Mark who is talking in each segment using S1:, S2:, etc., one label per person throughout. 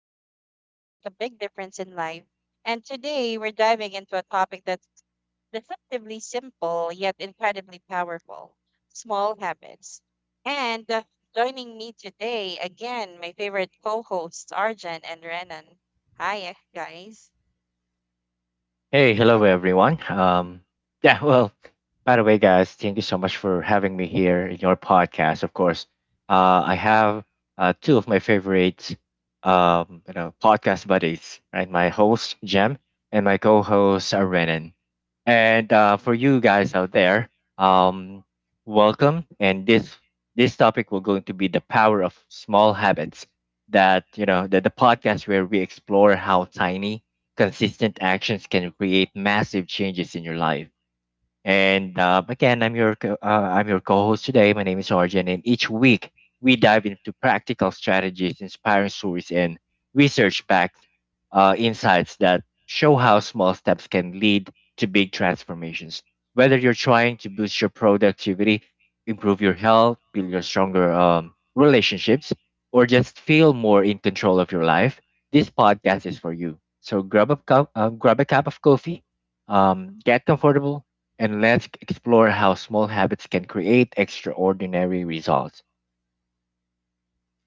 S1: little things that make a big difference in life. And today we're diving into a topic that's deceptively simple yet incredibly powerful: small habits. And Joining me today, again, my favorite co hosts, Arjan and Renan. Hi, guys.
S2: Uh,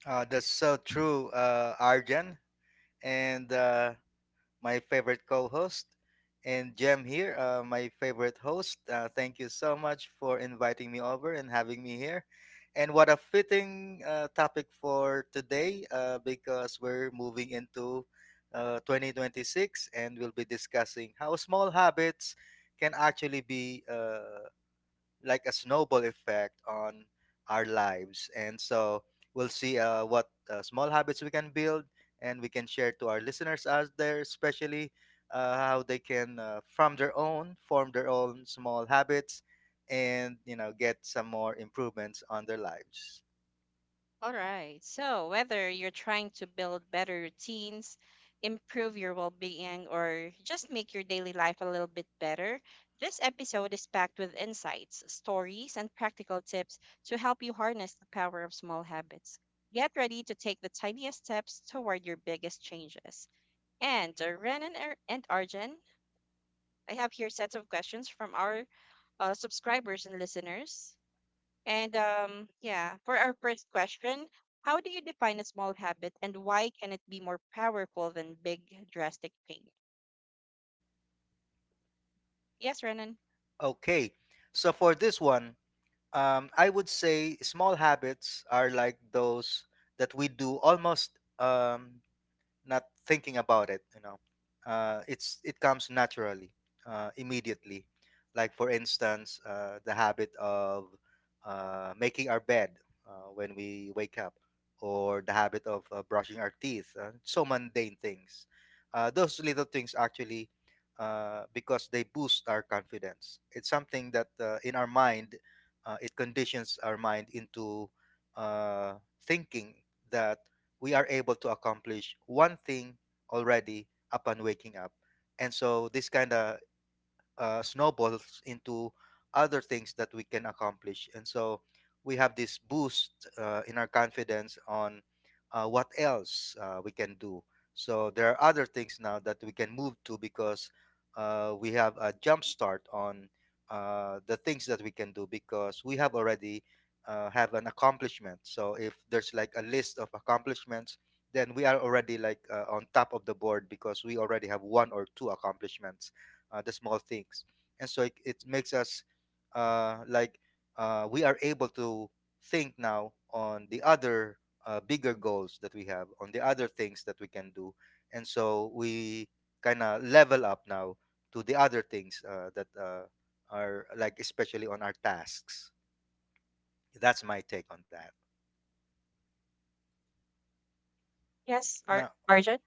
S2: that's so true, Arjan, and my favorite co-host, and Jem here, my favorite host. Thank you so much for inviting me over and having me here. And what a fitting topic for today, because we're moving into 2026, and we'll be discussing how small habits can actually be like a snowball effect on our lives. And so we'll see what small habits we can build and we can share to our listeners out there, especially how they can, form their own small habits and get some more improvements on their lives.
S1: All right. So, whether you're trying to build better routines, improve your well being, or just make your daily life a little bit better, this episode is packed with insights, stories, and practical tips to help you harness the power of small habits. Get ready to take the tiniest steps toward your biggest changes. And Arjun, I have here sets of questions from our subscribers and listeners. For our first question, how do you define a small habit, and why can it be more powerful than big drastic change? Yes, Renan.
S2: Okay. So for this one, I would say small habits are like those that we do almost um, not thinking about it. It comes naturally, immediately, like for instance the habit of making our bed when we wake up, or the habit of brushing our teeth, so mundane things. Those little things, actually, because they boost our confidence. It's something that in our mind, it conditions our mind into uh, thinking that we are able to accomplish one thing already upon waking up. And so this kind of snowballs into other things that we can accomplish. And so we have this boost in our confidence on what else we can do. So there are other things now that we can move to because we have a jump start on the things that we can do, because we have already have an accomplishment. So if there's like a list of accomplishments, then we are already like on top of the board because we already have one or two accomplishments, the small things, and so it makes us like we are able to think now on the other bigger goals that we have, on the other things that we can do, and so we kind of level up now to the other things that are like especially on our tasks. That's my take on that.
S1: Yes, Ar
S2: No,
S1: Arjun.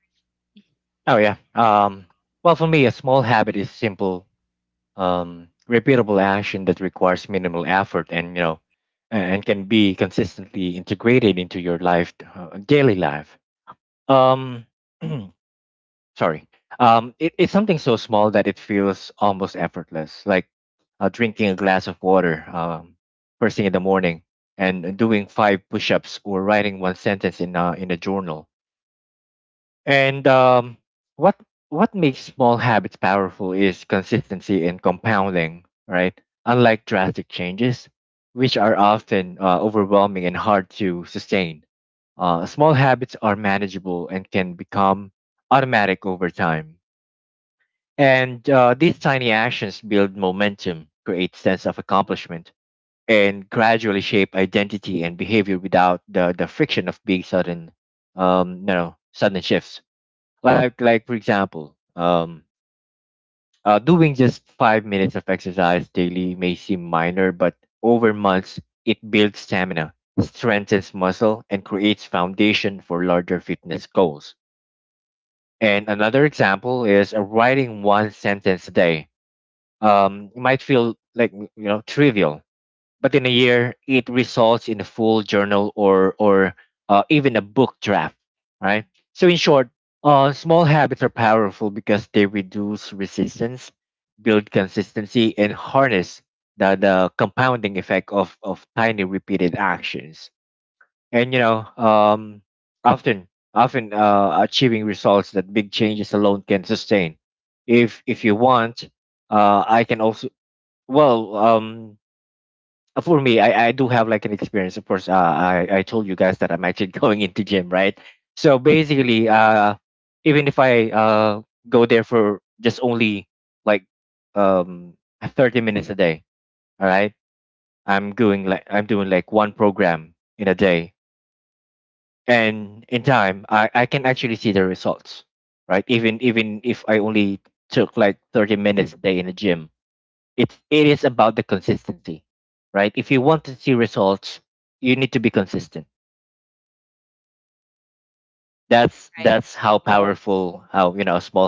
S1: Right.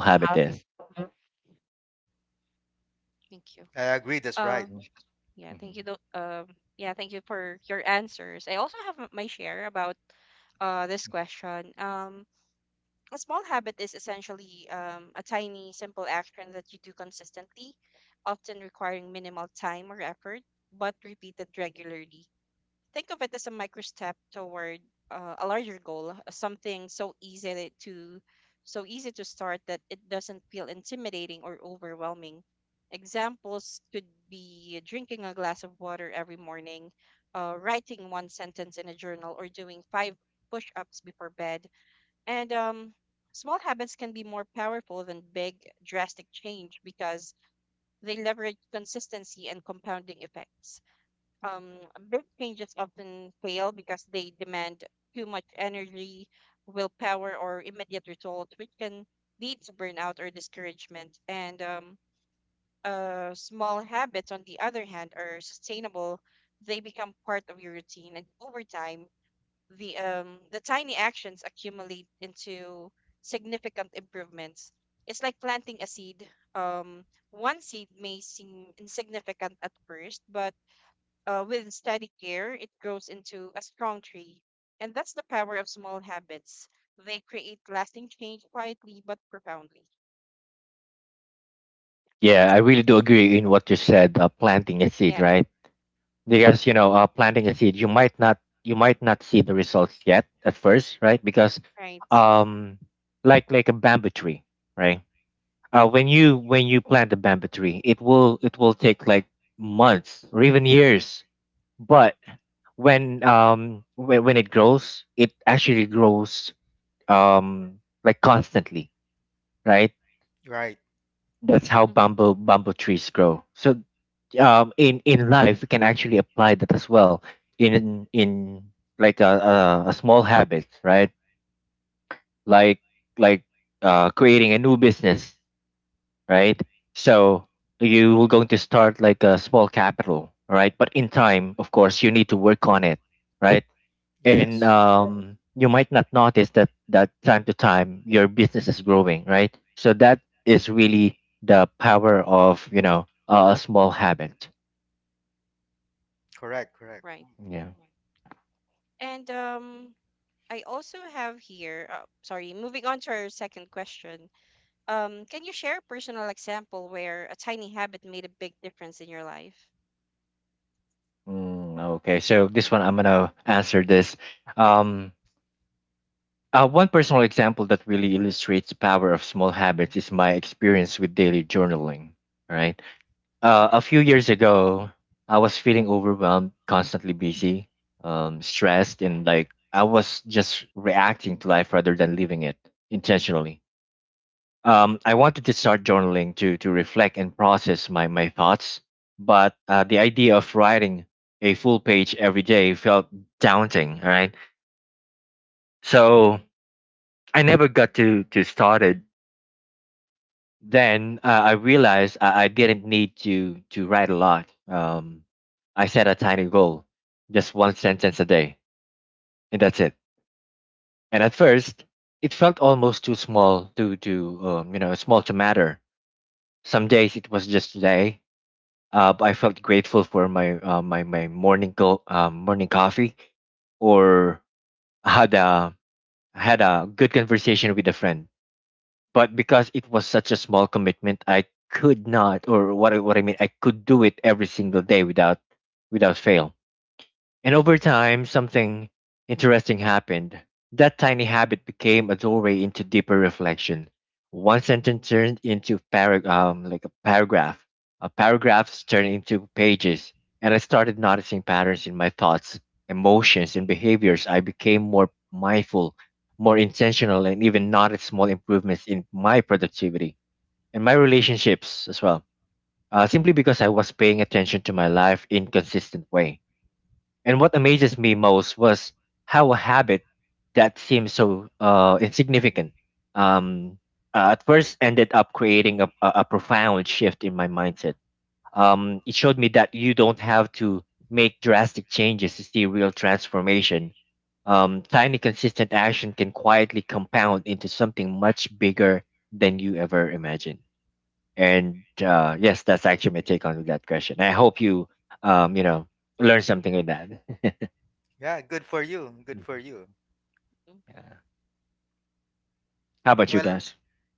S1: Uh-huh. Thank you.
S2: I agree, that's right.
S1: Um, yeah, Thank you. Thank you for your answers. I also have my share about this question. A small habit is essentially a tiny, simple action that you do consistently, often requiring minimal time or effort, but repeated regularly. Think of it as a micro step toward a larger goal, something so easy to start that it doesn't feel intimidating or overwhelming. Examples could be drinking a glass of water every morning, writing one sentence in a journal, or doing five push-ups before bed. And Small habits can be more powerful than big drastic change because they leverage consistency and compounding effects. um, Big changes often fail because they demand too much energy, willpower, or immediate results, which can lead to burnout or discouragement. And Small habits, on the other hand, are sustainable. They become part of your routine, and over time, the tiny actions accumulate into significant improvements. It's like planting a seed. Um, One seed may seem insignificant at first, but with steady care, it grows into a strong tree. And that's the power of small habits. They create lasting change quietly but profoundly. That's, yeah, Right. Right.
S2: Right.
S1: Mhm.
S2: Yes. Correct, correct.
S1: Right. And I also have here, sorry, moving on to our second question. Can you share a personal example where a tiny habit made a big difference in your life?
S2: Yeah, good for you, good for you.
S1: Mm.
S2: Well,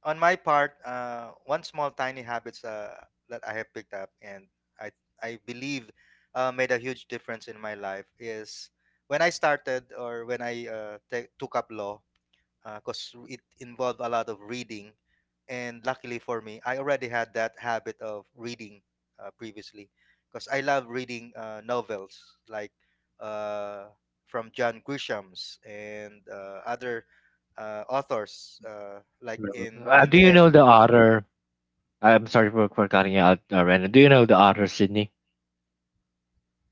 S2: on my part, one small tiny habits that I have picked up and I I believe made a huge difference in my life is when I started, or when I ta took up law, because it involved a lot of reading. And luckily for me, I already had that habit of reading previously, because I love reading novels like uh, from John Grisham's and other authors like in the air.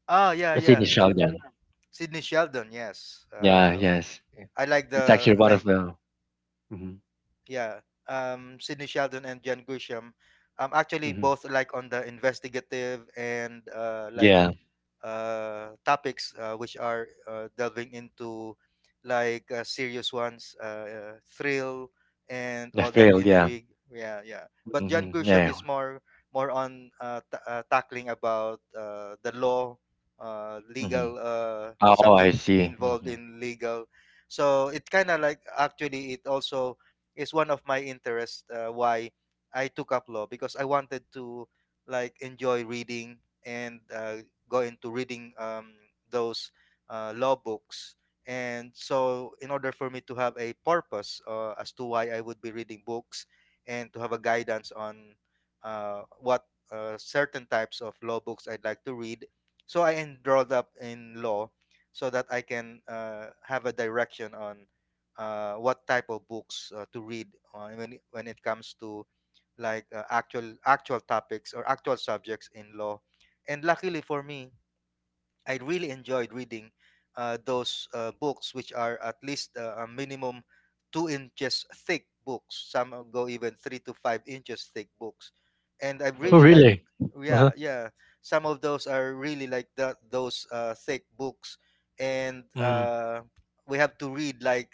S2: Ah, yeah, yeah. Sydney Sheldon, yes. I like the, like, yeah. Sydney Sheldon and Jan Grisham. Actually, both like on the investigative and like topics which are delving into, like, serious ones, thrill and all that intrigue. Yeah, yeah. But John Grisham is more on tackling about the law, legal, something involved in legal. So it kind of like actually it also is one of my interests, why I took up law, because I wanted to like enjoy reading and go into reading those law books. And so, in order for me to have a purpose as to why I would be reading books, and to have a guidance on what certain types of law books I'd like to read, so I enrolled up in law so that I can have a direction on what type of books to read when it comes to, like, actual topics or actual subjects in law. And luckily for me, I really enjoyed reading those books, which are at least a minimum 2 inches thick books. Some go even 3 to 5 inches thick books, and I really like. Yeah, yeah. Some of those are really like that. Those thick books, and we have to read, like,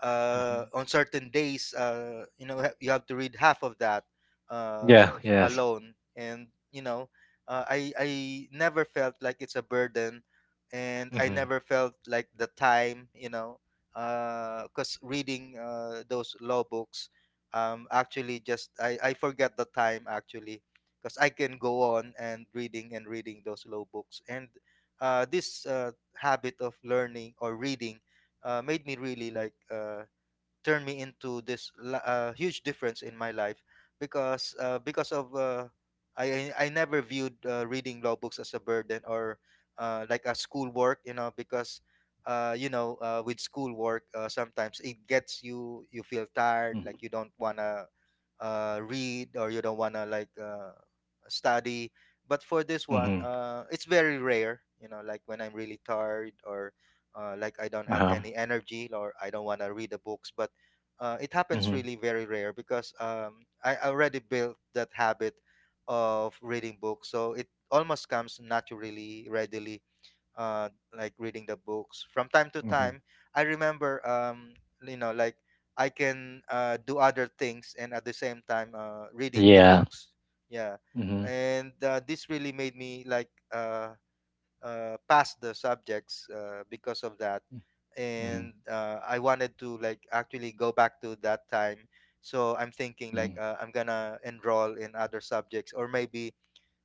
S2: on certain days. You have to read half of that alone, and I never felt like it's a burden, and I never felt like the time, because reading those law books, actually, just I forget the time, actually, because I can go on and reading those law books, and this habit of learning or reading made me really, like, turned me into this huge difference in my life, because of I never viewed reading law books as a burden or like a schoolwork, because with schoolwork sometimes it gets you feel tired, like you don't wanna read, or you don't wanna, like, study. But for this one, it's very rare, like when I'm really tired, or like I don't have any energy or I don't want to read the books. But it happens really very rare because I already built that habit of reading books, so it almost comes naturally, readily, uh, like reading the books from time to time. I remember, like I can do other things and at the same time reading the books. Yeah, and this really made me like pass the subjects because of that, and I wanted to, like, actually go back to that time, so I'm thinking, like, I'm gonna enroll in other subjects, or maybe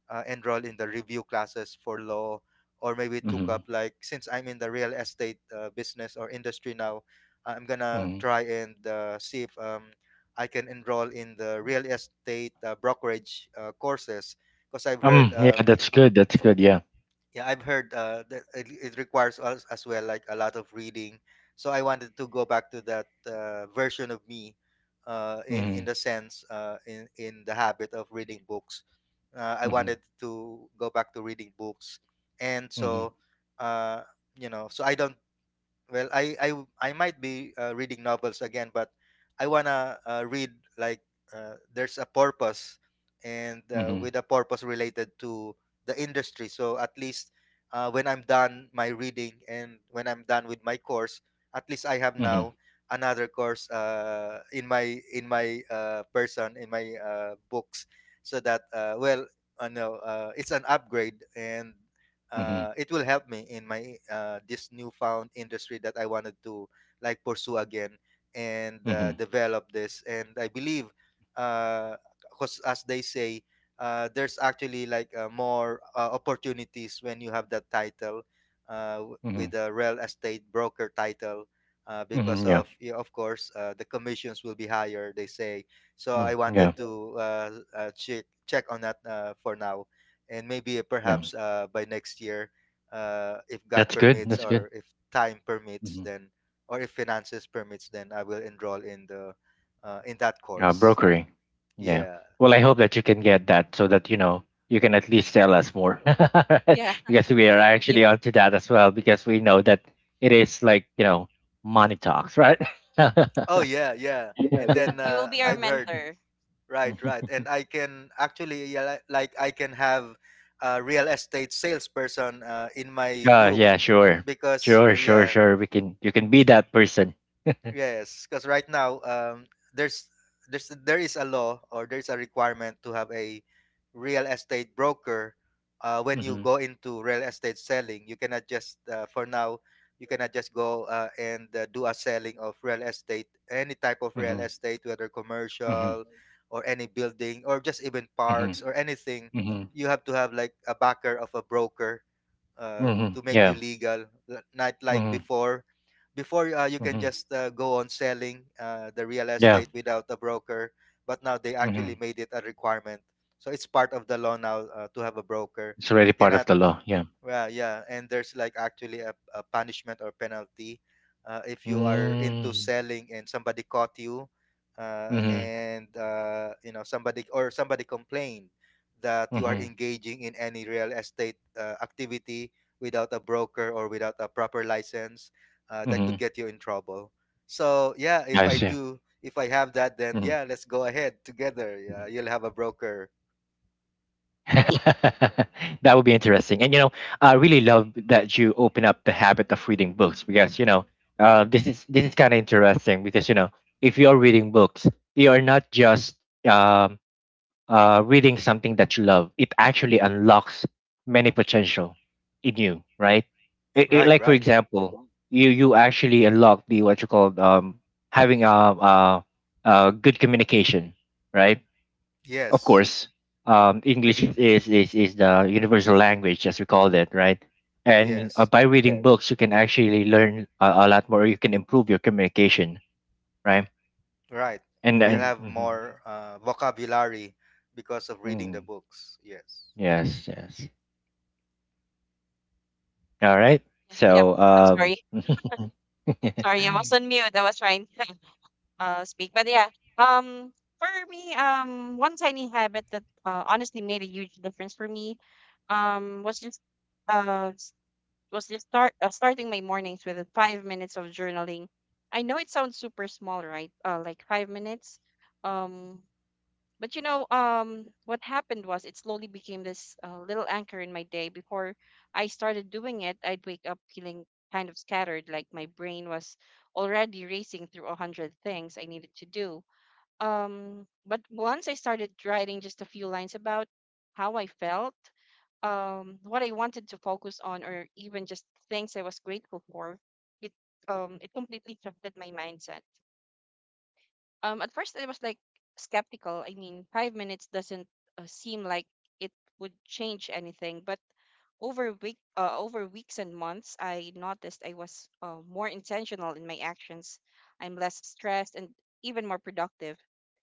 S2: enroll in the review classes for law, or maybe took up, like, since I'm in the real estate business or industry now, I'm gonna try and see if I can enroll in the real estate brokerage courses, because I've heard yeah, I've heard that it requires us as well, like, a lot of reading. So I wanted to go back to that version of me, in the sense, in the habit of reading books. I wanted to go back to reading books, and so, uh, so I don't. Well, I might be reading novels again, but I wanna read, like, there's a purpose, and with a purpose related to the industry, so at least when I'm done my reading and when I'm done with my course, at least I have now another course in my person, in my books, so that it's an upgrade, and it will help me in my, this newfound industry that I wanted to, like, pursue again and develop this. And I believe, because as they say, there's actually, like, more opportunities when you have that title, with a real estate broker title. Because of, yeah, of course, the commissions will be higher, they say. So I wanted to check on that for now, and maybe perhaps by next year, if God permits, or if time permits, then, or if finances permits, then I will enroll in that course. Yeah.
S1: Yeah, you,
S2: Oh, yeah, yeah. And then
S1: you will be our
S2: I've heard.
S1: mentor.
S2: Right, right. And I can actually, yeah, like I can have a real estate salesperson in my group, because yeah. Yes, because right now, there is a law, or there's a requirement to have a real estate broker when you go into real estate selling. You cannot just go and do a selling of real estate, any type of real estate, whether commercial or any building, or just even parks or anything. You have to have, like, a backer of a broker to make you legal, not like before. Before, you can just go on selling the real estate without a broker. But now they actually made it a requirement, so it's part of the law now, to have a broker. You cannot. Well, yeah, and there's, like, actually a punishment or penalty if you are into selling and somebody caught you, and somebody complained that you are engaging in any real estate activity without a broker or without a proper license, that could get you in trouble. So yeah, if I have that, then yeah, let's go ahead together. Yeah, you'll have a broker. Right, right. Yes, yes. Right. You'll have more vocabulary because of reading the books. Yes.
S1: Yeah. Yep. I'm sorry. Sorry, I was on mute. I was trying. Speak. Um for me, one tiny habit that honestly made a huge difference for me um was just uh s- was just starting my mornings with 5 minutes of journaling. I know it sounds super small, right? Like 5 minutes. Um, what happened was it slowly became this little anchor in my day. Before I started doing it, I'd wake up feeling kind of scattered, like my brain was already racing through 100 things I needed to do. But once I started writing just a few lines about how I felt, what I wanted to focus on, or even just things I was grateful for, it it completely shifted my mindset. At first I was like skeptical. I mean, 5 minutes doesn't seem like it would change anything, but over weeks and months, I noticed I was more intentional in my actions. I'm less stressed and even more productive.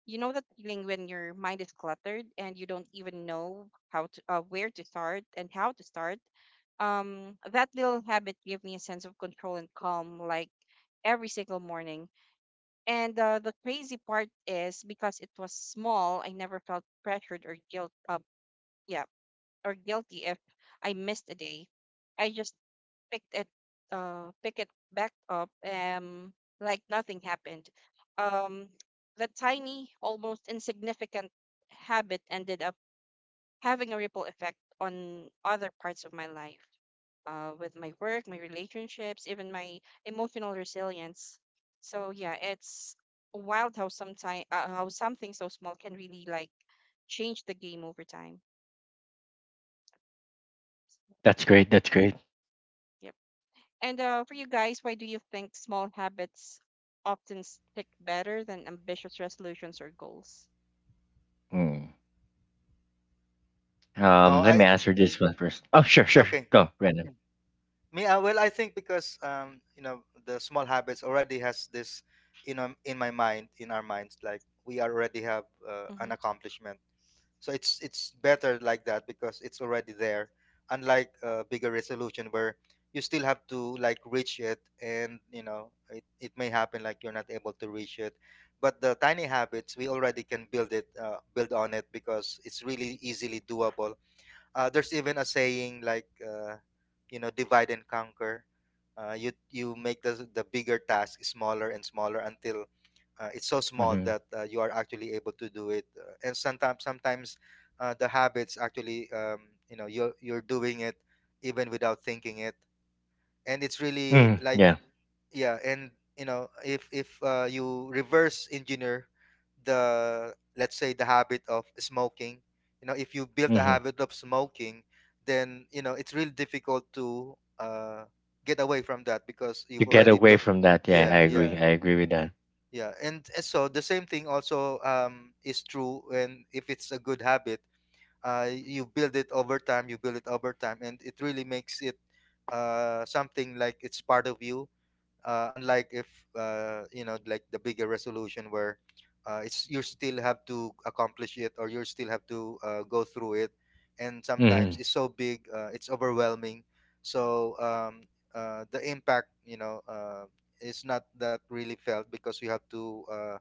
S1: You know that feeling when your mind is cluttered and you don't even know where to start and how to start. That little habit gave me a sense of control and calm, like every single morning. And the crazy part is because it was small, I never felt pressured or guilt. Yeah, or guilty if I missed a day. I just picked it pick it back up like nothing happened. Um the tiny, almost insignificant habit ended up having a ripple effect on other parts of my life. With my work, my relationships, even my emotional resilience. So yeah, it's wild how sometimes how something so small can really like change the game over time. So, yep. And for you guys, why do you think small habits often stick better than ambitious resolutions or goals?
S2: No, I okay. Me, well, I think because you know, the small habits already has this, you know, in my mind, in our minds, like we already have an
S1: Hmm.
S2: accomplishment. So it's better like that because it's already there. Unlike a bigger resolution where you still have to like reach it, and you know it may happen like you're not able to reach it. But the tiny habits we already can build it build on it because it's really easily doable. There's even a saying like you know, divide and conquer. You make the bigger task smaller and smaller until it's so small that you are actually able to do it, and sometimes the habits actually, you know, you're doing it even without thinking it. And it's really like, yeah. And you know, if you reverse engineer the, let's say, the habit of smoking, you know, if you built a habit of smoking, then you know it's really difficult to get away from that because you've already built. Yeah, yeah. Yeah, and so the same thing also, is true. And if it's a good habit, you build it over time. You build it over time, and it really makes it something like it's part of you, unlike if you know, like the bigger resolution where it's you still have to accomplish it, or you still have to go through it. And sometimes it's so big, it's overwhelming. So the impact, you know, is not that really felt because you have to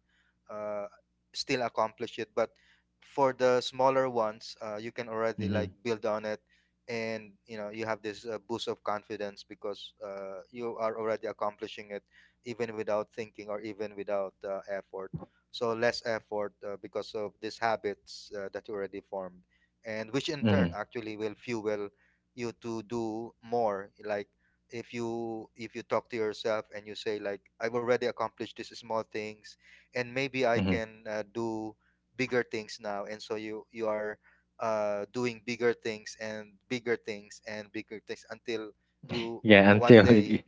S2: uh, still accomplish it. But for the smaller ones, you can already like build on it. And you know, you have this boost of confidence because you are already accomplishing it even without thinking, or even without effort. So less effort, because of these habits that you already formed, and which in turn actually will fuel you to do more. Like, if you talk to yourself and you say like, I've already accomplished these small things, and maybe I can do bigger things now. And so you are doing bigger things, and bigger things, and bigger things until you one day,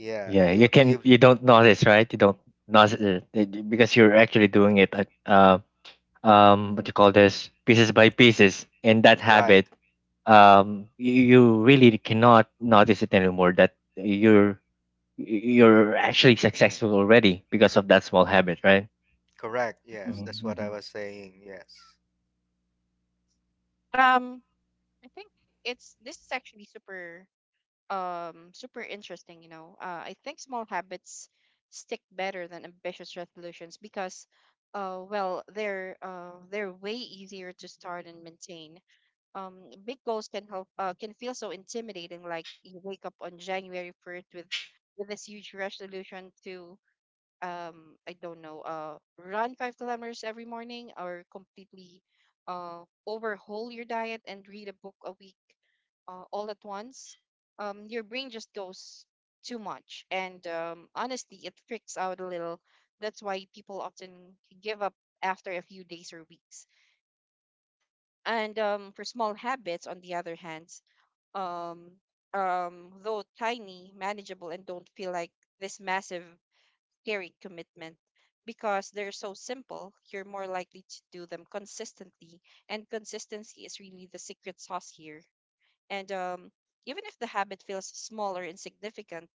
S2: yeah, you right, correct. Yes,
S1: Mhm.
S2: that's what I was saying. Yes,
S1: Um, I think it's this is actually super interesting, you know. I think small habits stick better than ambitious resolutions because well, they're way easier to start and maintain. um Big goals can feel so intimidating. Like you wake up on January 1st with this huge resolution to I don't know, run 5 kilometers every morning, or completely overhaul your diet and read a book a week, all at once. Your brain just goes too much, and honestly it freaks out a little. That's why people often give up after a few days or weeks. And For small habits, on the other hand, um though tiny, manageable, and don't feel like this massive, scary commitment. Because they're so simple, you're more likely to do them consistently, and consistency is really the secret sauce here. And Even if the habit feels smaller, insignificant,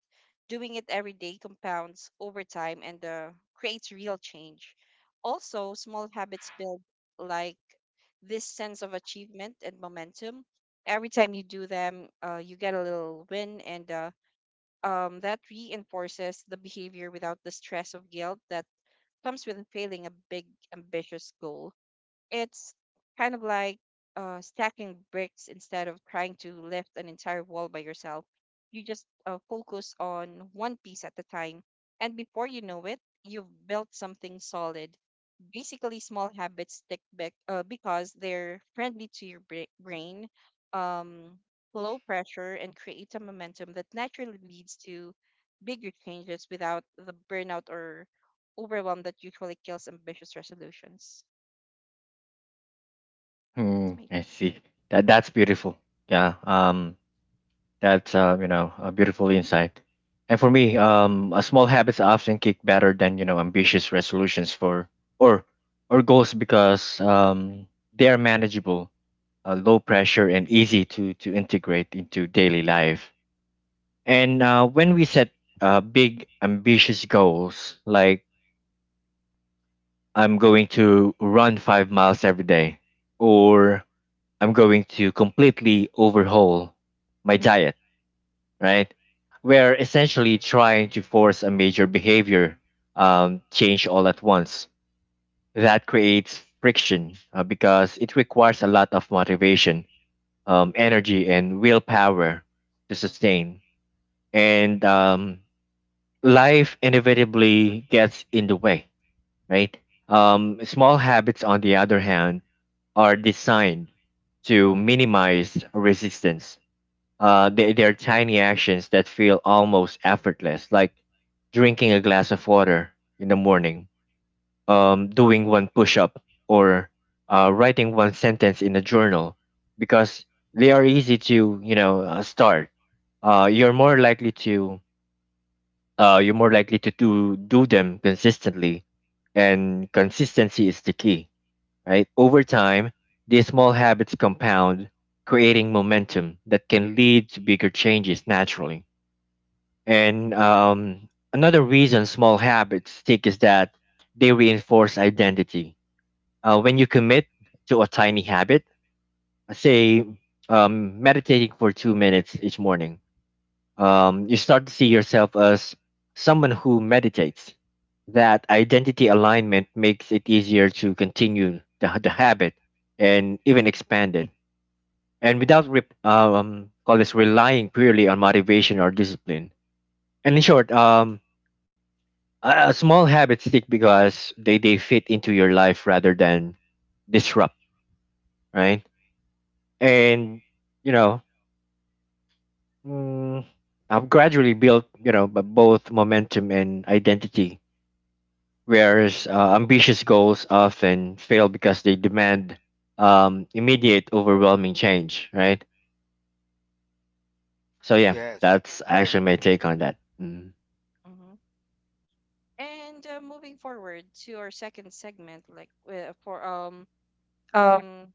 S1: doing it every day compounds over time and creates real change. Also, small habits build like this sense of achievement and momentum. Every time you do them, you get a little win, and that reinforces the behavior without the stress of guilt that comes with failing a big, ambitious goal. It's kind of like stacking bricks instead of trying to lift an entire wall by yourself. You just focus on one piece at a time. And before you know it, you've built something solid. Basically, small habits stick back, because they're friendly to your brain, um, low pressure, and create a momentum that naturally leads to bigger changes without the burnout or overwhelm that usually kills ambitious resolutions. That's me.
S2: yes.
S1: Mm-hmm. And moving forward to our second segment, like for um um,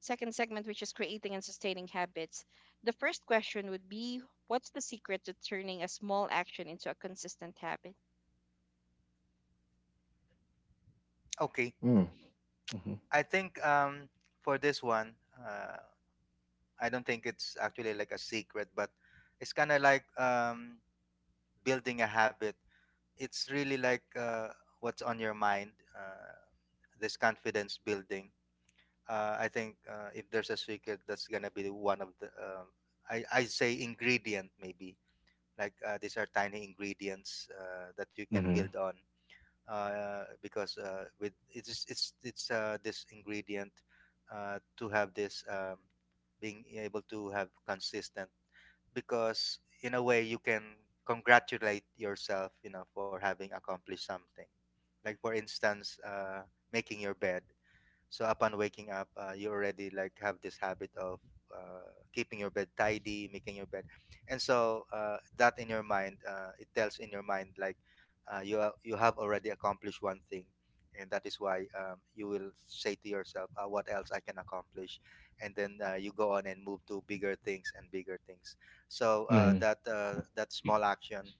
S1: second segment, which is creating and sustaining habits, the first question would be: what's the secret to turning a small action into a consistent habit?
S2: Okay, I think for this one, I don't think it's actually like a secret, but it's kind of like building a habit. It's really like what's on your mind. This confidence building, I think if there's a secret, that's gonna be one of the. I say ingredient maybe, like these are tiny ingredients that you can build on, because with it's this ingredient to have this, being able to have consistent, because in a way you can congratulate yourself, you know, for having accomplished something. Like, for instance, making your bed. So upon waking up, you already like have this habit of keeping your bed tidy, making your bed. And so that in your mind, it tells in your mind like you have already accomplished one thing, and that is why you will say to yourself, "What else I can accomplish?" And then you go on and move to bigger things, and bigger things. So that that small action,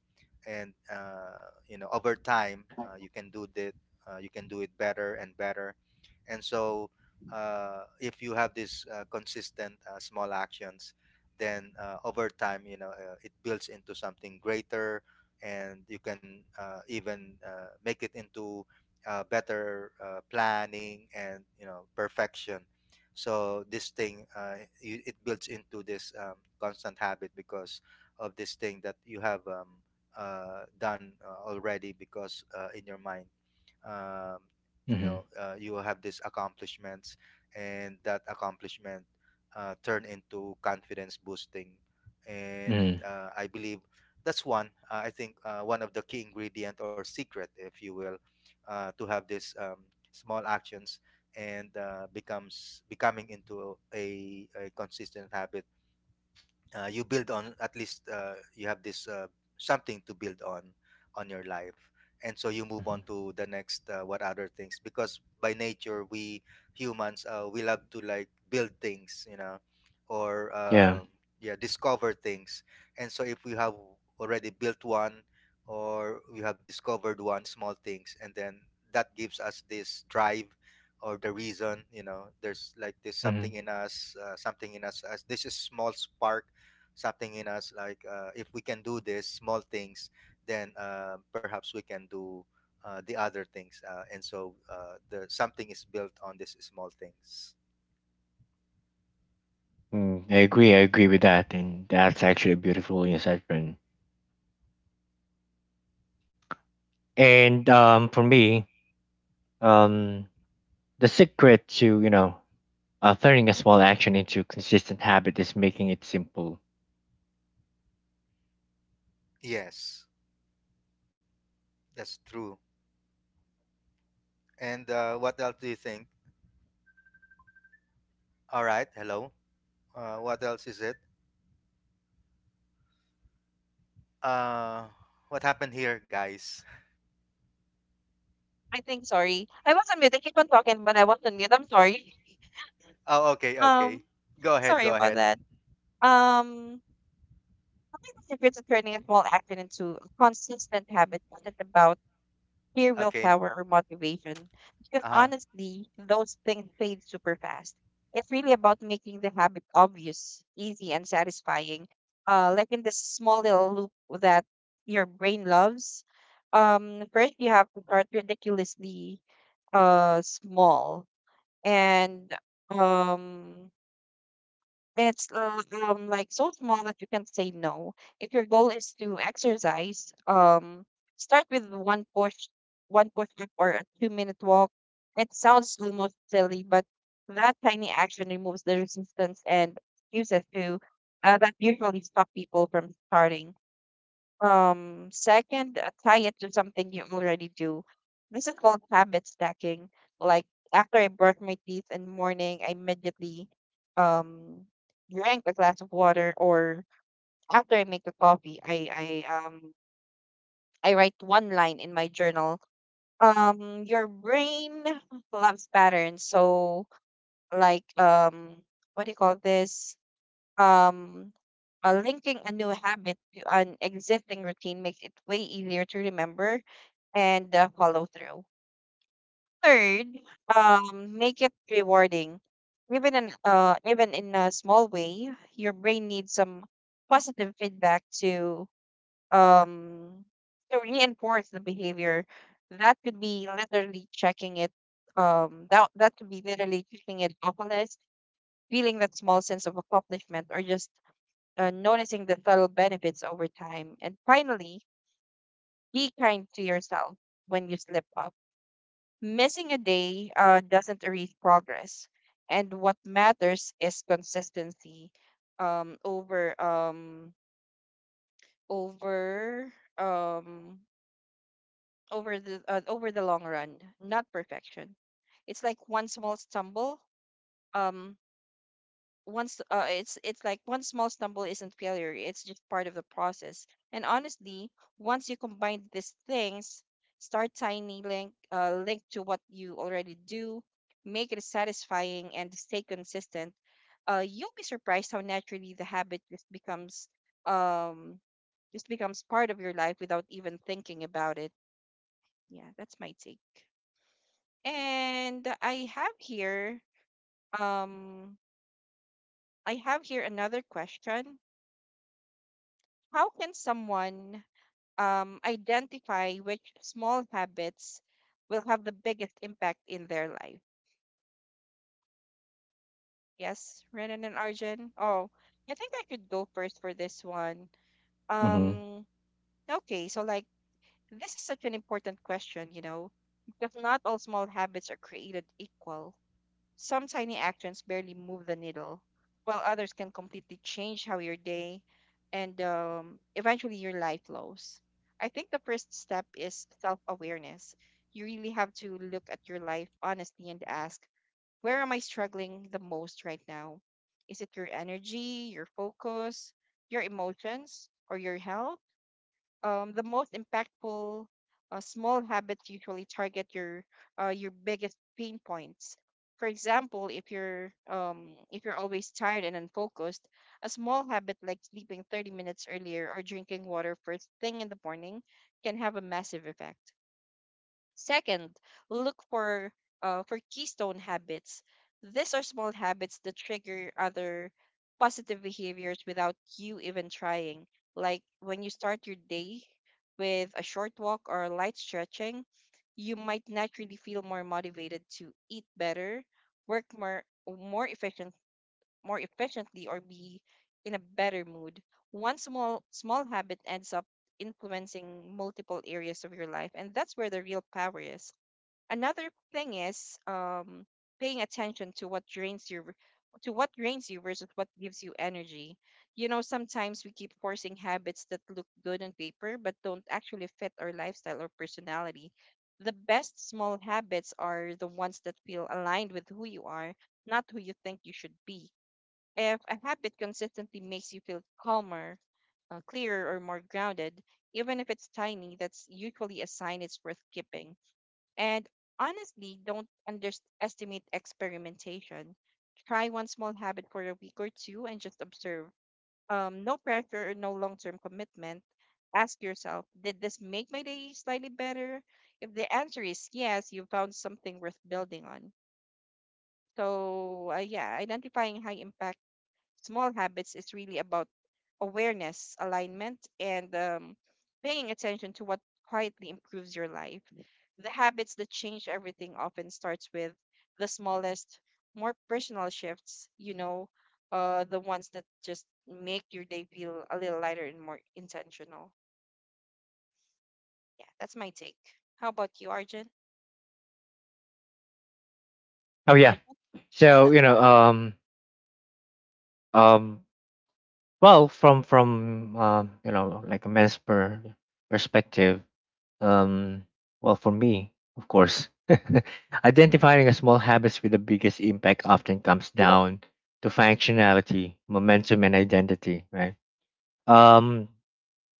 S2: and you know, over time, you can do that. You can do it better and better. And so if you have these consistent small actions, then over time, you know, it builds into something greater. And you can even make it into better planning, and you know, perfection. So this thing, you, it builds into this, constant habit because of this thing that you have, done already. Because in your mind, um, you know, you will have these accomplishments. And that accomplishment turn into confidence boosting. And I believe that's one, I think one of the key ingredient or secret, if you will, to have these, small actions and becomes becoming into a consistent habit. You build on, at least you have this something to build on your life. And so you move on to the next, what other things, because by nature we humans, we love to like build things, you know, or yeah, discover things. And so if we have already built one, or we have discovered one small things, and then that gives us this drive or the reason. You know, there's like this something in us, something in us as this is small spark, something in us, like, if we can do this small things, then perhaps we can do the other things. And so the something is built on these small things. Yes, that's true. And what else do you think? All right, hello. What else is it? uh, what happened here, guys?
S1: I think, sorry. I was on mute. I keep on talking, but I was on mute. I'm sorry.
S2: Oh, okay,
S1: Um,
S2: okay. Go ahead,
S1: Sorry
S2: go
S1: about
S2: ahead.
S1: that. Um, I think the secret to turning a small action into a consistent habit is about sheer
S2: Okay.
S1: willpower or motivation. Because
S2: Uh-huh.
S1: honestly, those things fade super fast. It's really about making the habit obvious, easy, and satisfying. Like in this small little loop that your brain loves. First, you have to start ridiculously small, and um it's like so small that you can say no. If your goal is to exercise, start with one push up or a 2 minute walk. It sounds almost silly, but that tiny action removes the resistance and excuses to that usually stop people from starting. Second, tie it to something you already do. This is called habit stacking. Like after I brush my teeth in the morning, I immediately um drink a glass of water, or after I make a coffee, I write one line in my journal. Your brain loves patterns, so like um, what do you call this? Um, Linking a new habit to an existing routine makes it way easier to remember and follow through. Third, make it rewarding. Even in a small way, your brain needs some positive feedback um to reinforce the behavior. That could be literally checking it. That that could be literally checking it off a list, feeling that small sense of accomplishment, or just noticing the subtle benefits over time. And finally, be kind to yourself when you slip up. Missing a day doesn't erase progress, and what matters is consistency um, over um, over um, over the long run, not perfection. It's like one small stumble um, it's like one small stumble isn't failure, it's just part of the process. And honestly, once you combine these things: start tiny, link to what you already do, make it satisfying, and stay consistent, you'll be surprised how naturally the habit um just becomes part of your life without even thinking about it. Yeah, that's my take. And I have here um I have here another question. How can someone identify which small habits will have the biggest impact in their life? Yes, Renan and Arjun. Oh, I think I could go first for this one.
S3: hmm
S1: Um, okay, so like this is such an important question, you know, because not all small habits are created equal. Some tiny actions barely move the needle, while others can completely change how your day and eventually your life flows. I think the first step is self awareness. You really have to look at your life honestly and ask, where am I struggling the most right now? Is it your energy, your focus, your emotions, or your health? The most impactful small habits usually target your biggest pain points. For example, if you're always tired and unfocused, a small habit like sleeping 30 minutes earlier or drinking water first thing in the morning can have a massive effect. Second, look for for keystone habits. These are small habits that trigger other positive behaviors without you even trying. Like when you start your day with a short walk or light stretching, you might naturally feel more motivated to eat better, work more efficiently or be in a better mood. One small habit ends up influencing multiple areas of your life, and that's where the real power is. Another thing is paying attention to what drains you versus what gives you energy. You know, sometimes we keep forcing habits that look good on paper but don't actually fit our lifestyle or personality. The best small habits are the ones that feel aligned with who you are, not who you think you should be. If a habit consistently makes you feel calmer, clearer, or more grounded, even if it's tiny, that's usually a sign it's worth keeping. And honestly, don't underestimate experimentation. Try one small habit for a week or two and just observe. No pressure or no long term commitment. Ask yourself, did this make my day slightly better? If the answer is yes, you found something worth building on. So, yeah, identifying high impact small habits is really about awareness, alignment, and paying attention to what quietly improves your life. The habits that change everything often starts with the smallest, more personal shifts, you know, the ones that just make your day feel a little lighter and more intentional. Yeah, that's my take. How about you, Arjun?
S3: Oh, yeah.
S1: Arjun,
S3: So you know, um, um, well, from like a men's perspective, um, well, for me, of course, identifying a small habits with the biggest impact often comes down to functionality, momentum, and identity, right? Um,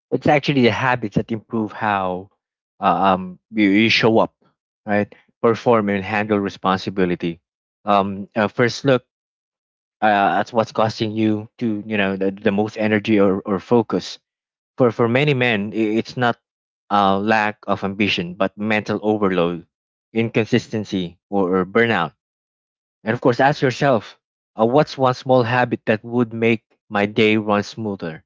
S3: it's actually the habits that improve how you show up, right? Perform and handle responsibility. First look, that's what's costing you to, you know, the most energy or focus. For many men, it's not a lack of ambition but mental overload, inconsistency, or burnout. And of course, ask yourself, what's one small habit that would make my day run smoother,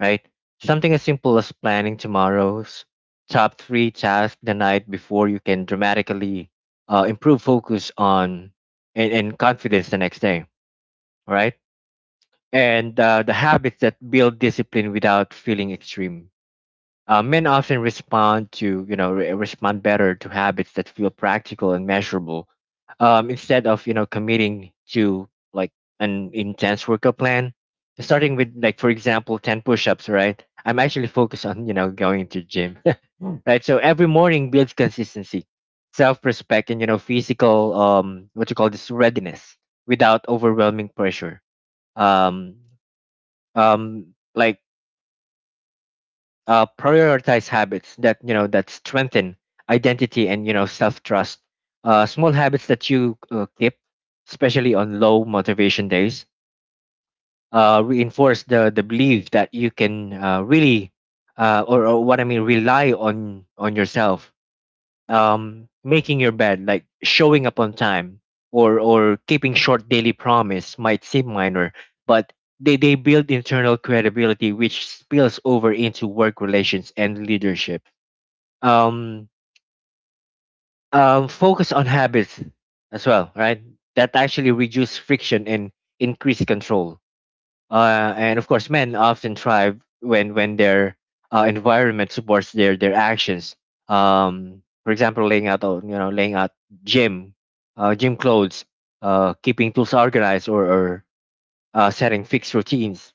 S3: right? Something as simple as planning tomorrow's top three tasks the night before, you can dramatically improve focus on and confidence the next day. Right. And the habits that build discipline without feeling extreme. Men often respond to, you know, respond better to habits that feel practical and measurable, instead of, you know, committing to like an intense workout plan. Starting with, like, for example, 10 push-ups, right? I'm actually focused on, you know, going to gym, right? So every morning builds consistency, self-respect, and, you know, physical, um, what you call this, readiness without overwhelming pressure. um um, like, prioritize habits that, you know, that strengthen identity and, you know, self trust. Small habits that you keep, especially on low motivation days, reinforce the belief that you can, really, or what I mean, rely on yourself. Um, making your bed, like showing up on time, or keeping short daily promise might seem minor, but they build internal credibility which spills over into work relations and leadership. Um, Focus on habits as well, right? That actually reduce friction and increase control. And of course, men often thrive when their environment supports their actions. For example, laying out gym, gym clothes, keeping tools organized, or setting fixed routines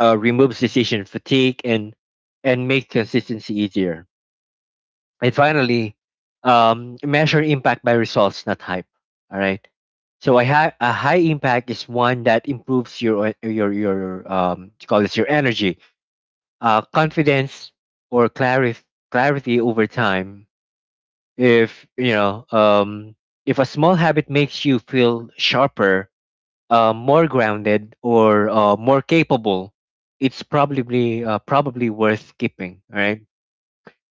S3: removes decision fatigue and make consistency easier. And finally, measure impact by results, not hype. All right. So a high impact is one that improves your, o- your your to call this your energy, confidence, or clarity over time. If you know If a small habit makes you feel sharper, more grounded, or more capable, it's probably worth keeping. All right.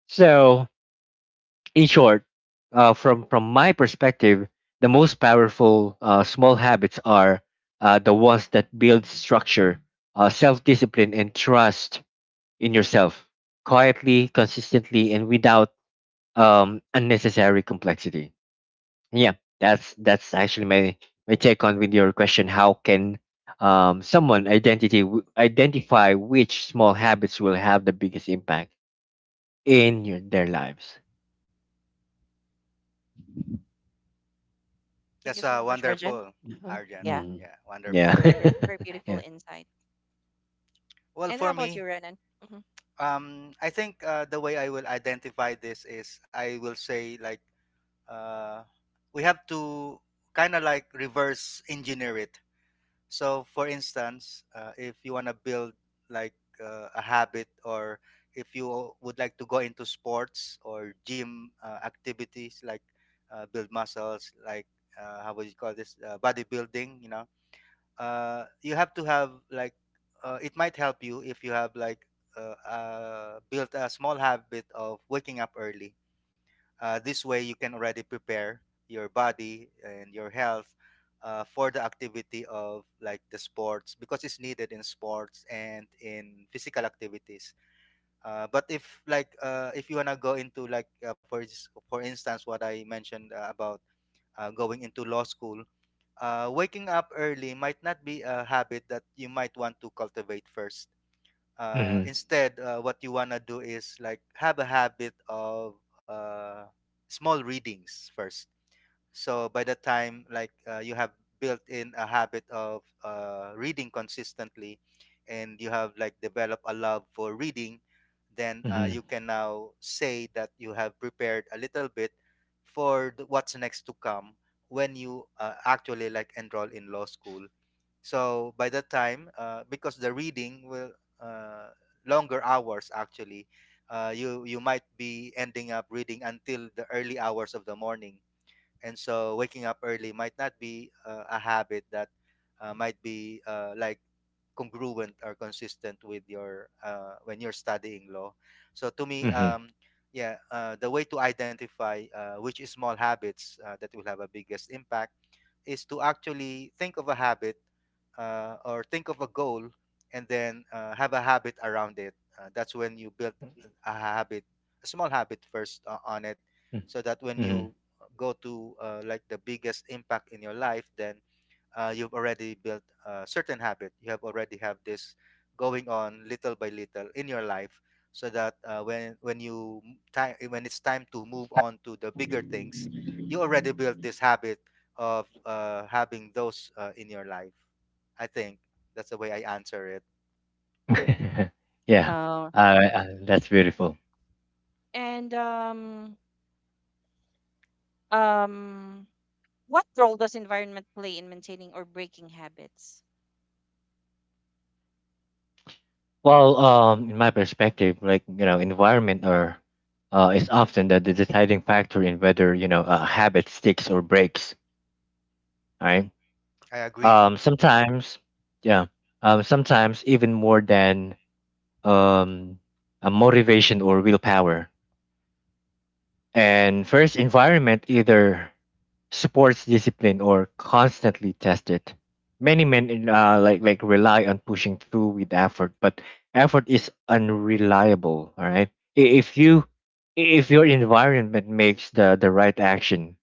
S3: So in short, from my perspective, the most powerful small habits are the ones that build structure, self discipline, and trust in yourself, quietly, consistently, and without unnecessary complexity. Yeah, that's actually my take on with your question. How can someone identify which small habits will have the biggest impact in their lives?
S1: thank you
S2: That's
S1: so much, Arjun.
S2: wonderful.
S3: Mm.
S1: Oh,
S2: Arjan,
S1: yeah,
S3: Mm.
S2: yeah,
S1: it's
S2: wonderful.
S3: Yeah.
S1: a very, re- very beautiful
S3: Yeah.
S1: insight.
S2: Well,
S1: And how
S2: for
S1: about you,
S2: me,
S1: Renan? Hmm.
S2: I think the way I will identify this is I will say like, uh, we have to kind of like reverse engineer it. So, for instance, if you want to build like a habit, or if you would like to go into sports or gym activities, like build muscles, like how would you call this, bodybuilding? You know, you have to have like it might help you if you have like built a small habit of waking up early. This way you can already prepare your body and your health for the activity of like the sports, because it's needed in sports and in physical activities. But if like if you wanna go into like for instance, what I mentioned about going into law school, waking up early might not be a habit that you might want to cultivate first.
S3: Mhm.
S2: Instead, what you want to do is like have a habit of uh, small readings first. So by the time like you have built in a habit of reading consistently, and you have like developed a love for reading, then
S3: Mhm.
S2: you can now say that you have prepared a little bit for the, what's next to come when you actually like enroll in law school. So by the time, because the reading will uh, longer hours actually, you might be ending up reading until the early hours of the morning. And so waking up early might not be a habit that might be like congruent or consistent with your when you're studying law. So to me,
S3: Mhm.
S2: yeah, the way to identify which is small habits that will have a biggest impact is to actually think of a habit or think of a goal, and then have a habit around it. That's when you build a habit, a small habit first on it,
S3: Mm.
S2: so that when you
S3: Mhm.
S2: go to like the biggest impact in your life, then you've already built a certain habit, you have already have this going on little by little in your life. So that when you time, when it's time to move on to the bigger things, you already built this habit of having those in your life. I think that's the way I answer it.
S3: Yeah.
S1: Oh,
S3: That's beautiful.
S1: and um, what role does environment play in maintaining or breaking habits?
S3: Well, in my perspective, like, you know, environment or is often the deciding factor in whether, you know, a habit sticks or breaks. Right.
S2: I agree,
S3: Sometimes, yeah. Sometimes even more than, um, a motivation or willpower. And first, environment either supports discipline or constantly test it. Many men in, like rely on pushing through with effort, but effort is unreliable. All right, if you, if your environment makes the right action,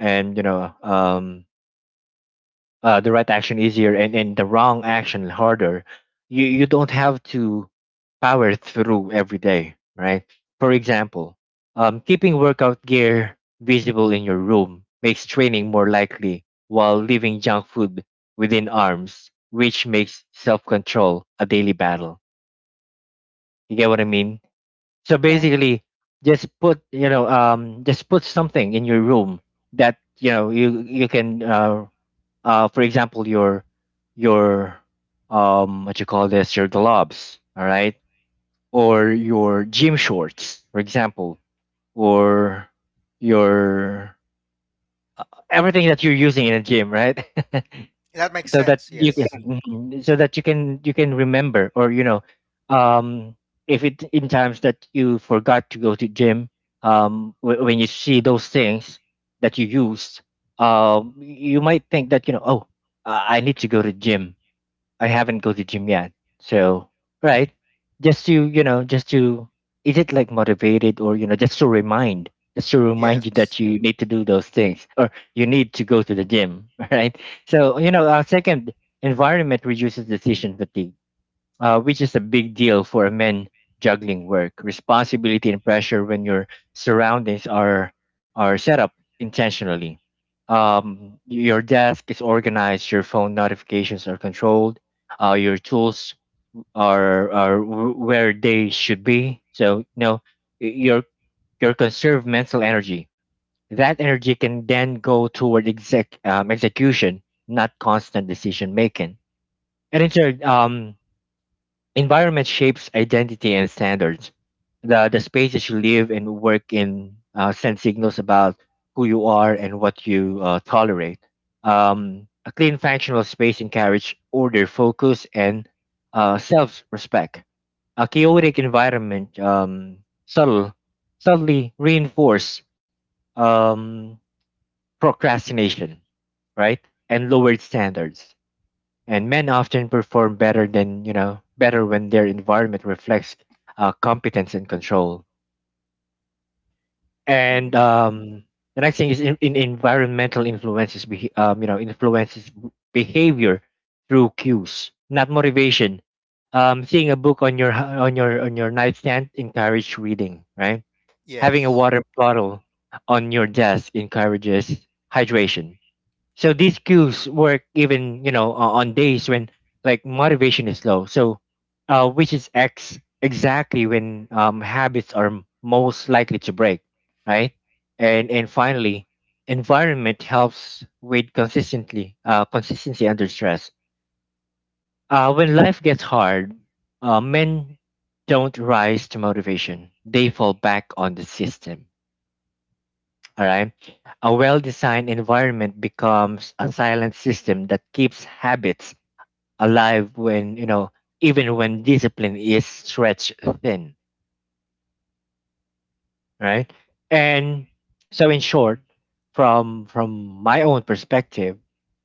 S3: and, the right action easier, and the wrong action harder. You don't have to power through every day, right? For example, keeping workout gear visible in your room makes training more likely, while leaving junk food within arms, which makes self control a daily battle. You get what I mean? So
S1: Yeah.
S3: basically, just put, just put something in your room that, you know, you can, for example, your what you call this your gloves, all right, or your gym shorts, for example, or your everything that you're using in a gym, right?
S2: that makes
S3: So that
S2: sense.
S3: you, yeah,
S2: Yes,
S3: can, so that you can, you can remember, or, you know, um if it, in times that you forgot to go to gym, when you see those things that you used, um, you might think that, you know, oh, I need to go to gym. I haven't go to gym yet. So, right, just to, you know, just to, is it like motivated, or, you know, just to remind you that
S2: yes,
S3: you need to do those things or you need to go to the gym, right? So, you know, our second, environment reduces decision fatigue, which is a big deal for men juggling work, responsibility, and pressure. When your surroundings are set up intentionally. Your desk is organized, your phone notifications are controlled, your tools are where they should be. So, you know, y- your your conserved mental energy. That energy can then go toward execution, not constant decision making. And in turn, environment shapes identity and standards. The spaces you live and work in send signals about who you are and what you tolerate. A clean, functional space encourages order, focus, and self-respect. A chaotic environment, subtle, subtly reinforce, um, procrastination, right, and lowered standards. And men often perform better than you know better when their environment reflects competence and control. and
S1: Hmm.
S3: um the next thing is, in environmental influences behe- you know influences behavior through cues, not motivation. Um, seeing a book on your h- on your nightstand encourages reading, right? Having a
S2: yes,
S3: water bottle on your desk encourages hydration. So these cues work even, you know, on days when like motivation is low. So, which is ex exactly when, habits are most likely to break, right? And finally, environment helps with consistently consistency under stress. When life gets hard, men don't rise to motivation; they fall back on the system, all right. A well designed environment becomes a silent system that keeps habits alive when, you know, even when discipline is stretched thin. Right. And so, in short, from my own perspective,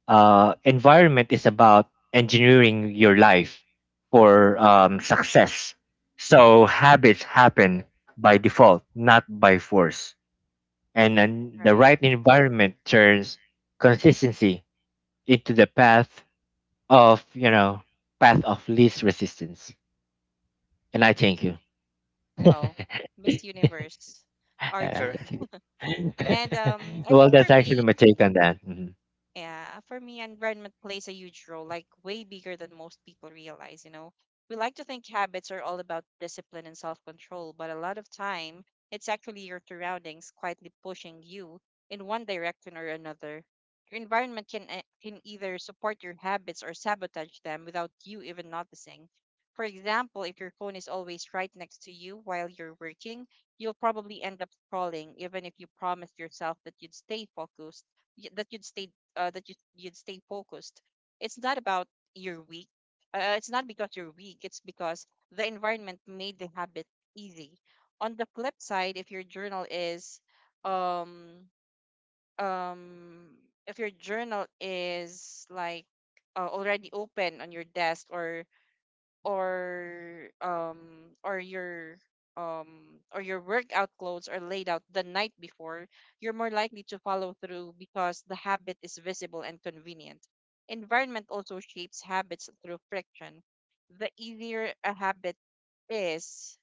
S3: environment is about engineering your life for, success. So habits happen by default, not by force, and then the
S1: Right.
S3: right environment turns consistency into the path of, you know, path of least resistance. And I thank you.
S1: Wow. Miss Universe,
S3: Uh,
S1: Arjun.
S3: that's
S2: correct.
S3: a-
S1: And
S3: good-
S1: I think
S3: well,
S1: for
S3: that's actually
S1: me,
S3: my take on that. Mhm.
S1: yeah, for me, environment plays a huge role, like way bigger than most people realize, you know. We like to think habits are all about discipline and self-control, but a lot of time, it's actually your surroundings quietly pushing you in one direction or another. Your environment can can either support your habits or sabotage them without you even noticing. For example, if your phone is always right next to you while you're working, you'll probably end up scrolling, even if you promised yourself that you'd stay focused y- that you'd stay that you you'd stay focused. It's not about you're weak. It's not because you're weak. It's because the environment made the habit easy. On the flip side, if your journal is, um, um, if your journal is like already open on your desk or um or your or your workout clothes are laid out the night before, you're more likely to follow through because the habit is visible and convenient. Environment also shapes habits through friction. The easier a habit is,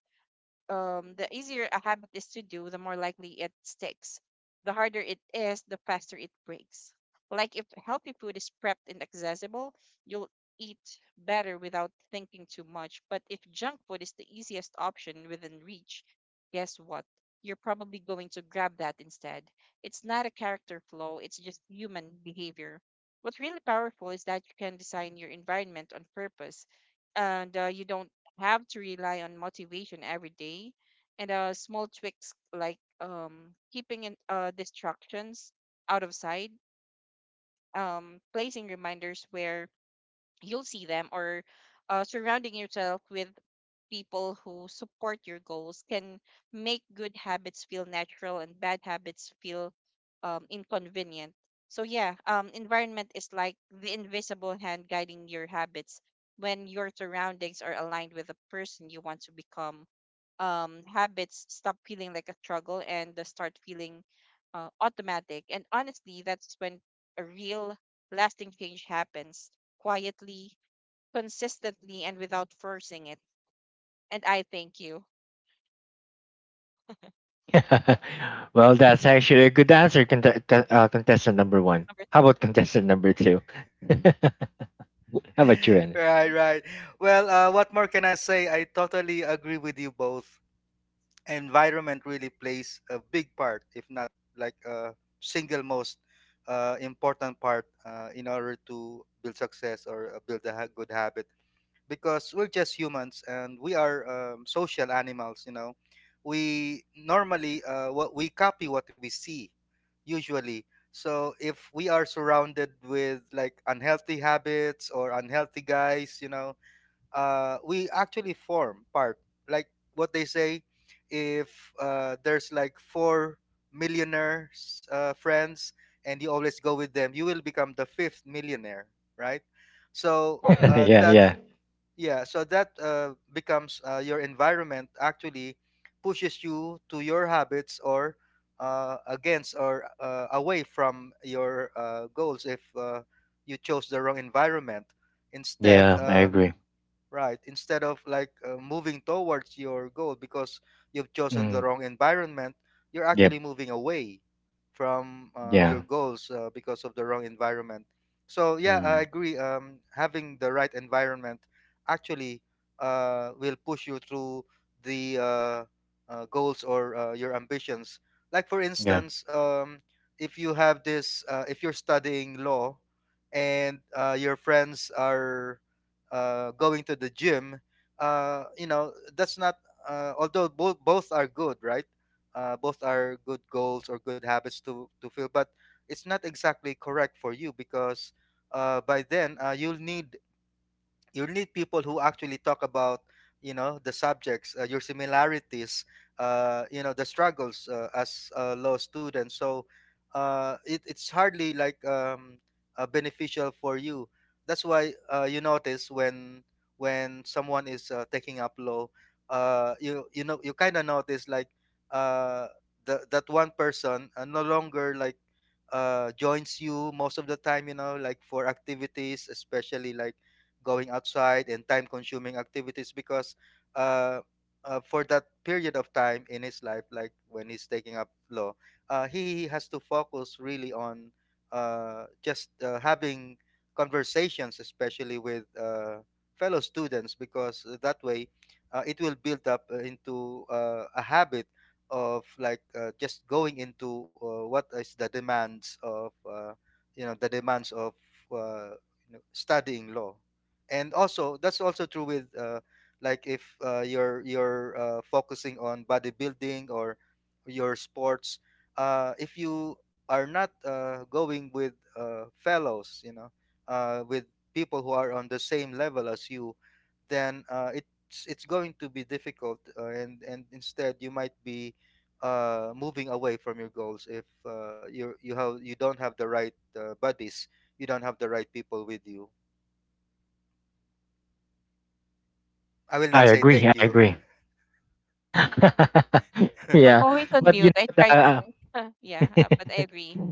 S1: the easier a habit is to do, the more likely it sticks. The harder it is, the faster it breaks. Like if healthy food is prepped and accessible, you'll eat better without thinking too much. But if junk food is the easiest option within reach, guess what? You're probably going to grab that instead. It's not a character flaw, it's just human behavior. What's really powerful is that you can design your environment on purpose, and you don't have to rely on motivation every day, and small tricks like keeping distractions out of sight, placing reminders where you'll see them, or surrounding yourself with people who support your goals can make good habits feel natural and bad habits feel inconvenient. So, yeah, environment is like the invisible hand guiding your habits. When your surroundings are aligned with the person you want to become, habits stop feeling like a struggle and they start feeling automatic. And honestly, that's when a real lasting change happens quietly, consistently, and without forcing it. And I thank you.
S3: Well, that's actually a good answer, contestant number one.
S1: Number
S3: How
S1: th-
S3: about contestant number two? How about you, Anne?
S2: Right,
S1: you.
S2: right. Well, what more can I say? I totally agree with you both. Environment really plays a big part, if not like a single most important part in order to build success, or good habit. Because we're just humans and we are, social animals, you know. We normally, what we copy what we see, usually. So if we are surrounded with like unhealthy habits or unhealthy guys, you know, we actually form part. Like what they say, if there's like four millionaires friends, and you always go with them, you will become the fifth millionaire, right? So
S3: Yeah,
S2: that
S3: yeah,
S2: yeah, so that becomes your environment actually pushes you to your habits, or against, or away from your goals if you chose the wrong environment. Instead,
S3: yeah, I
S2: uh,
S3: agree.
S2: Right, instead of like moving towards your goal, because you've chosen the
S3: Mm.
S2: wrong environment, you're
S3: Yep.
S2: actually moving away from your
S3: Yeah.
S2: goals because of the wrong environment. So yeah, I
S3: Mm.
S2: agree. Having the right environment actually will push you through the goals, or your ambitions. Like for
S3: Yeah,
S2: instance, if you have this, if you're studying law, and your friends are going to the gym, you know, that's not. Although both are good, right? Both are good goals or good habits to feel, but it's not exactly correct for you. Because by then you'll need, you need people who actually talk about, you know, the subjects, your similarities, you know, the struggles as a law student. So it's hardly like beneficial for you. That's why you notice when someone is taking up law, you, you know, you kind of notice like uh, the, that one person no longer like joins you most of the time, you know, like for activities, especially like going outside and time consuming activities. Because uh, for that period of time in his life, like when he's taking up law, he has to focus really on just having conversations, especially with fellow students, because that way it will build up into a habit of like just going into what is the demands of you know, the demands of uh, you know, studying law. And also that's also true with like if you're focusing on bodybuilding or your sports. If you are not going with fellows, you know, with people who are on the same level as you, then it's going to be difficult. And instead you might be moving away from your goals if you don't have the right buddies, you don't have the right people with you. I will
S3: I
S2: not say
S3: agree, I
S2: thank you.
S3: agree.
S1: I was
S3: Yeah,
S1: always on
S3: but you
S1: mute. I
S3: know the,
S1: tried.
S3: uh,
S1: Yeah, but I agree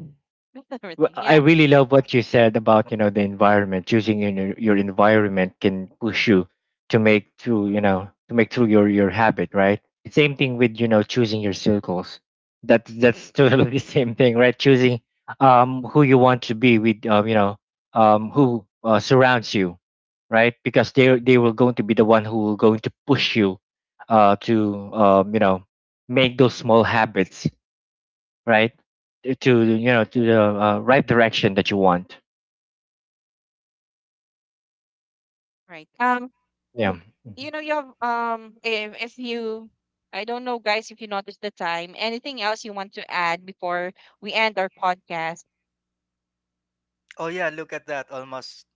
S1: with
S3: well,
S1: everything.
S3: I
S1: Yeah,
S3: really love what you said about, you know, the environment. Choosing in your environment can push you to make through, you know, to make through your habit, right? Same thing with, you know, choosing your circles. That's totally the same thing, right? Choosing, um, who you want to be with, um, you know, um, who, surrounds you, right? Because they will going to be the one who will going to push you, uh, to, um, you know, make those small habits, right? To, you know, to the right direction that you want.
S1: right.
S3: Yeah. Mhm.
S1: You know, you have if you, I don't know, guys, if you notice the time. Anything else you want to add before we end our podcast?
S2: Oh yeah, look at that. Almost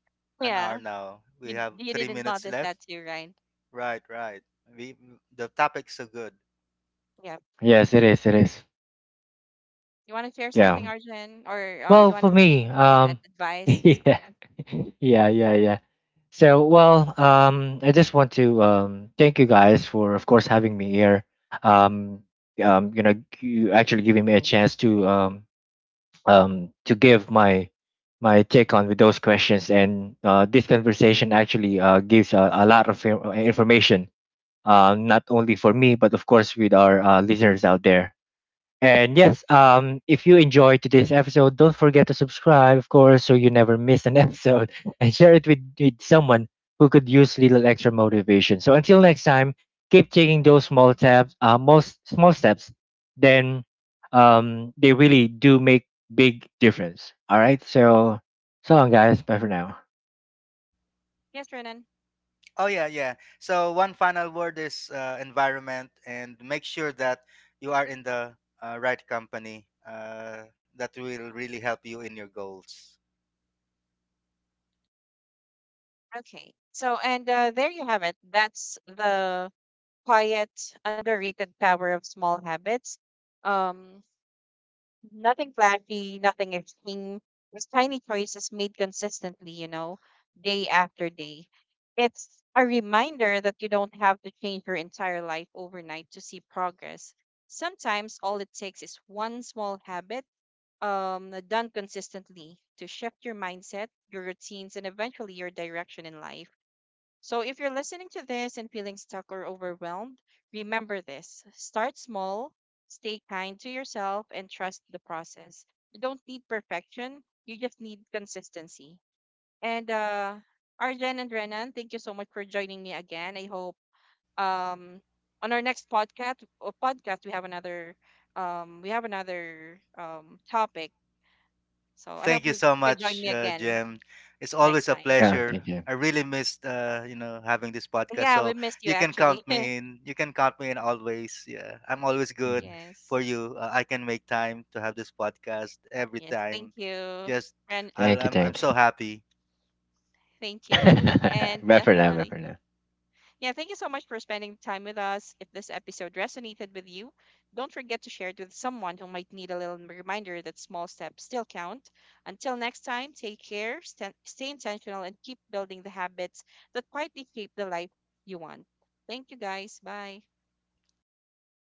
S2: an hour
S1: Yeah.
S2: now. We have
S1: You
S2: three
S1: didn't
S2: minutes
S1: notice
S2: left.
S1: that too, right?
S2: Right, right. We, the topic's so good.
S1: Yeah.
S3: Yes, it is. It is.
S1: You want to share
S3: Yeah.
S1: something, Arjun, or
S3: Well,
S1: you want
S3: for
S1: to say
S3: me,
S1: advice,
S3: yeah,
S1: something?
S3: yeah, yeah, yeah. So, well, I just want to, um, thank you guys for, of course, having me here. Um, you know, you actually giving me a chance to, um, to give my, my take on with those questions. And this conversation actually gives a lot of information, not only for me, but of course with our listeners out there. And yes, if you enjoyed today's episode, don't forget to subscribe, of course, so you never miss an episode and share it with someone who could use little extra motivation. So until next time, keep taking those small steps, most small steps, then, they really do make big difference. All right. So, so long, guys. Bye for now.
S1: Yes, Renan.
S2: Oh yeah, yeah. So one final word is environment, and make sure that you are in the right company that will really help you in your goals.
S1: Okay. So, and there you have it. That's the quiet, underrated power of small habits. Um, Nothing flashy, nothing extreme. Just tiny choices made consistently, you know, day after day. It's a reminder that you don't have to change your entire life overnight to see progress. Sometimes all it takes is one small habit done consistently to shift your mindset, your routines, and eventually your direction in life. So if you're listening to this and feeling stuck or overwhelmed, remember this. Start small, stay kind to yourself, and trust the process. You don't need perfection, you just need consistency. And Arjen and Renan, thank you so much for joining me again. I hope um on our next podcast we have another topic. So I
S2: Thank
S1: hope
S2: you
S1: you
S2: so
S1: can join
S2: much,
S1: me again
S2: Jem. It's
S1: next
S2: always a
S1: time.
S3: Yeah.
S2: pleasure.
S3: Thank you.
S2: I really missed, you know, having this podcast.
S1: Yeah, we
S2: So
S1: missed you
S2: you can count
S1: actually.
S2: me in. You can count me in always. Yeah, I'm always good
S3: Mhm.
S1: Yes.
S2: for you. I can make time to have this podcast every
S1: Yes,
S2: time.
S1: thank you.
S2: Just,
S1: And
S3: Thank you.
S2: I'm
S3: Thanks.
S2: so happy.
S1: thank you. And
S3: Bye for now. Bye for now.
S1: yeah, thank you so much for spending time with us. If this episode resonated with you, don't forget to share it with someone who might need a little reminder that small steps still count. Until next time, take care, stay intentional, and keep building the habits that quietly shape the life you want. Thank you, guys. Bye.
S2: Bye bye, guys.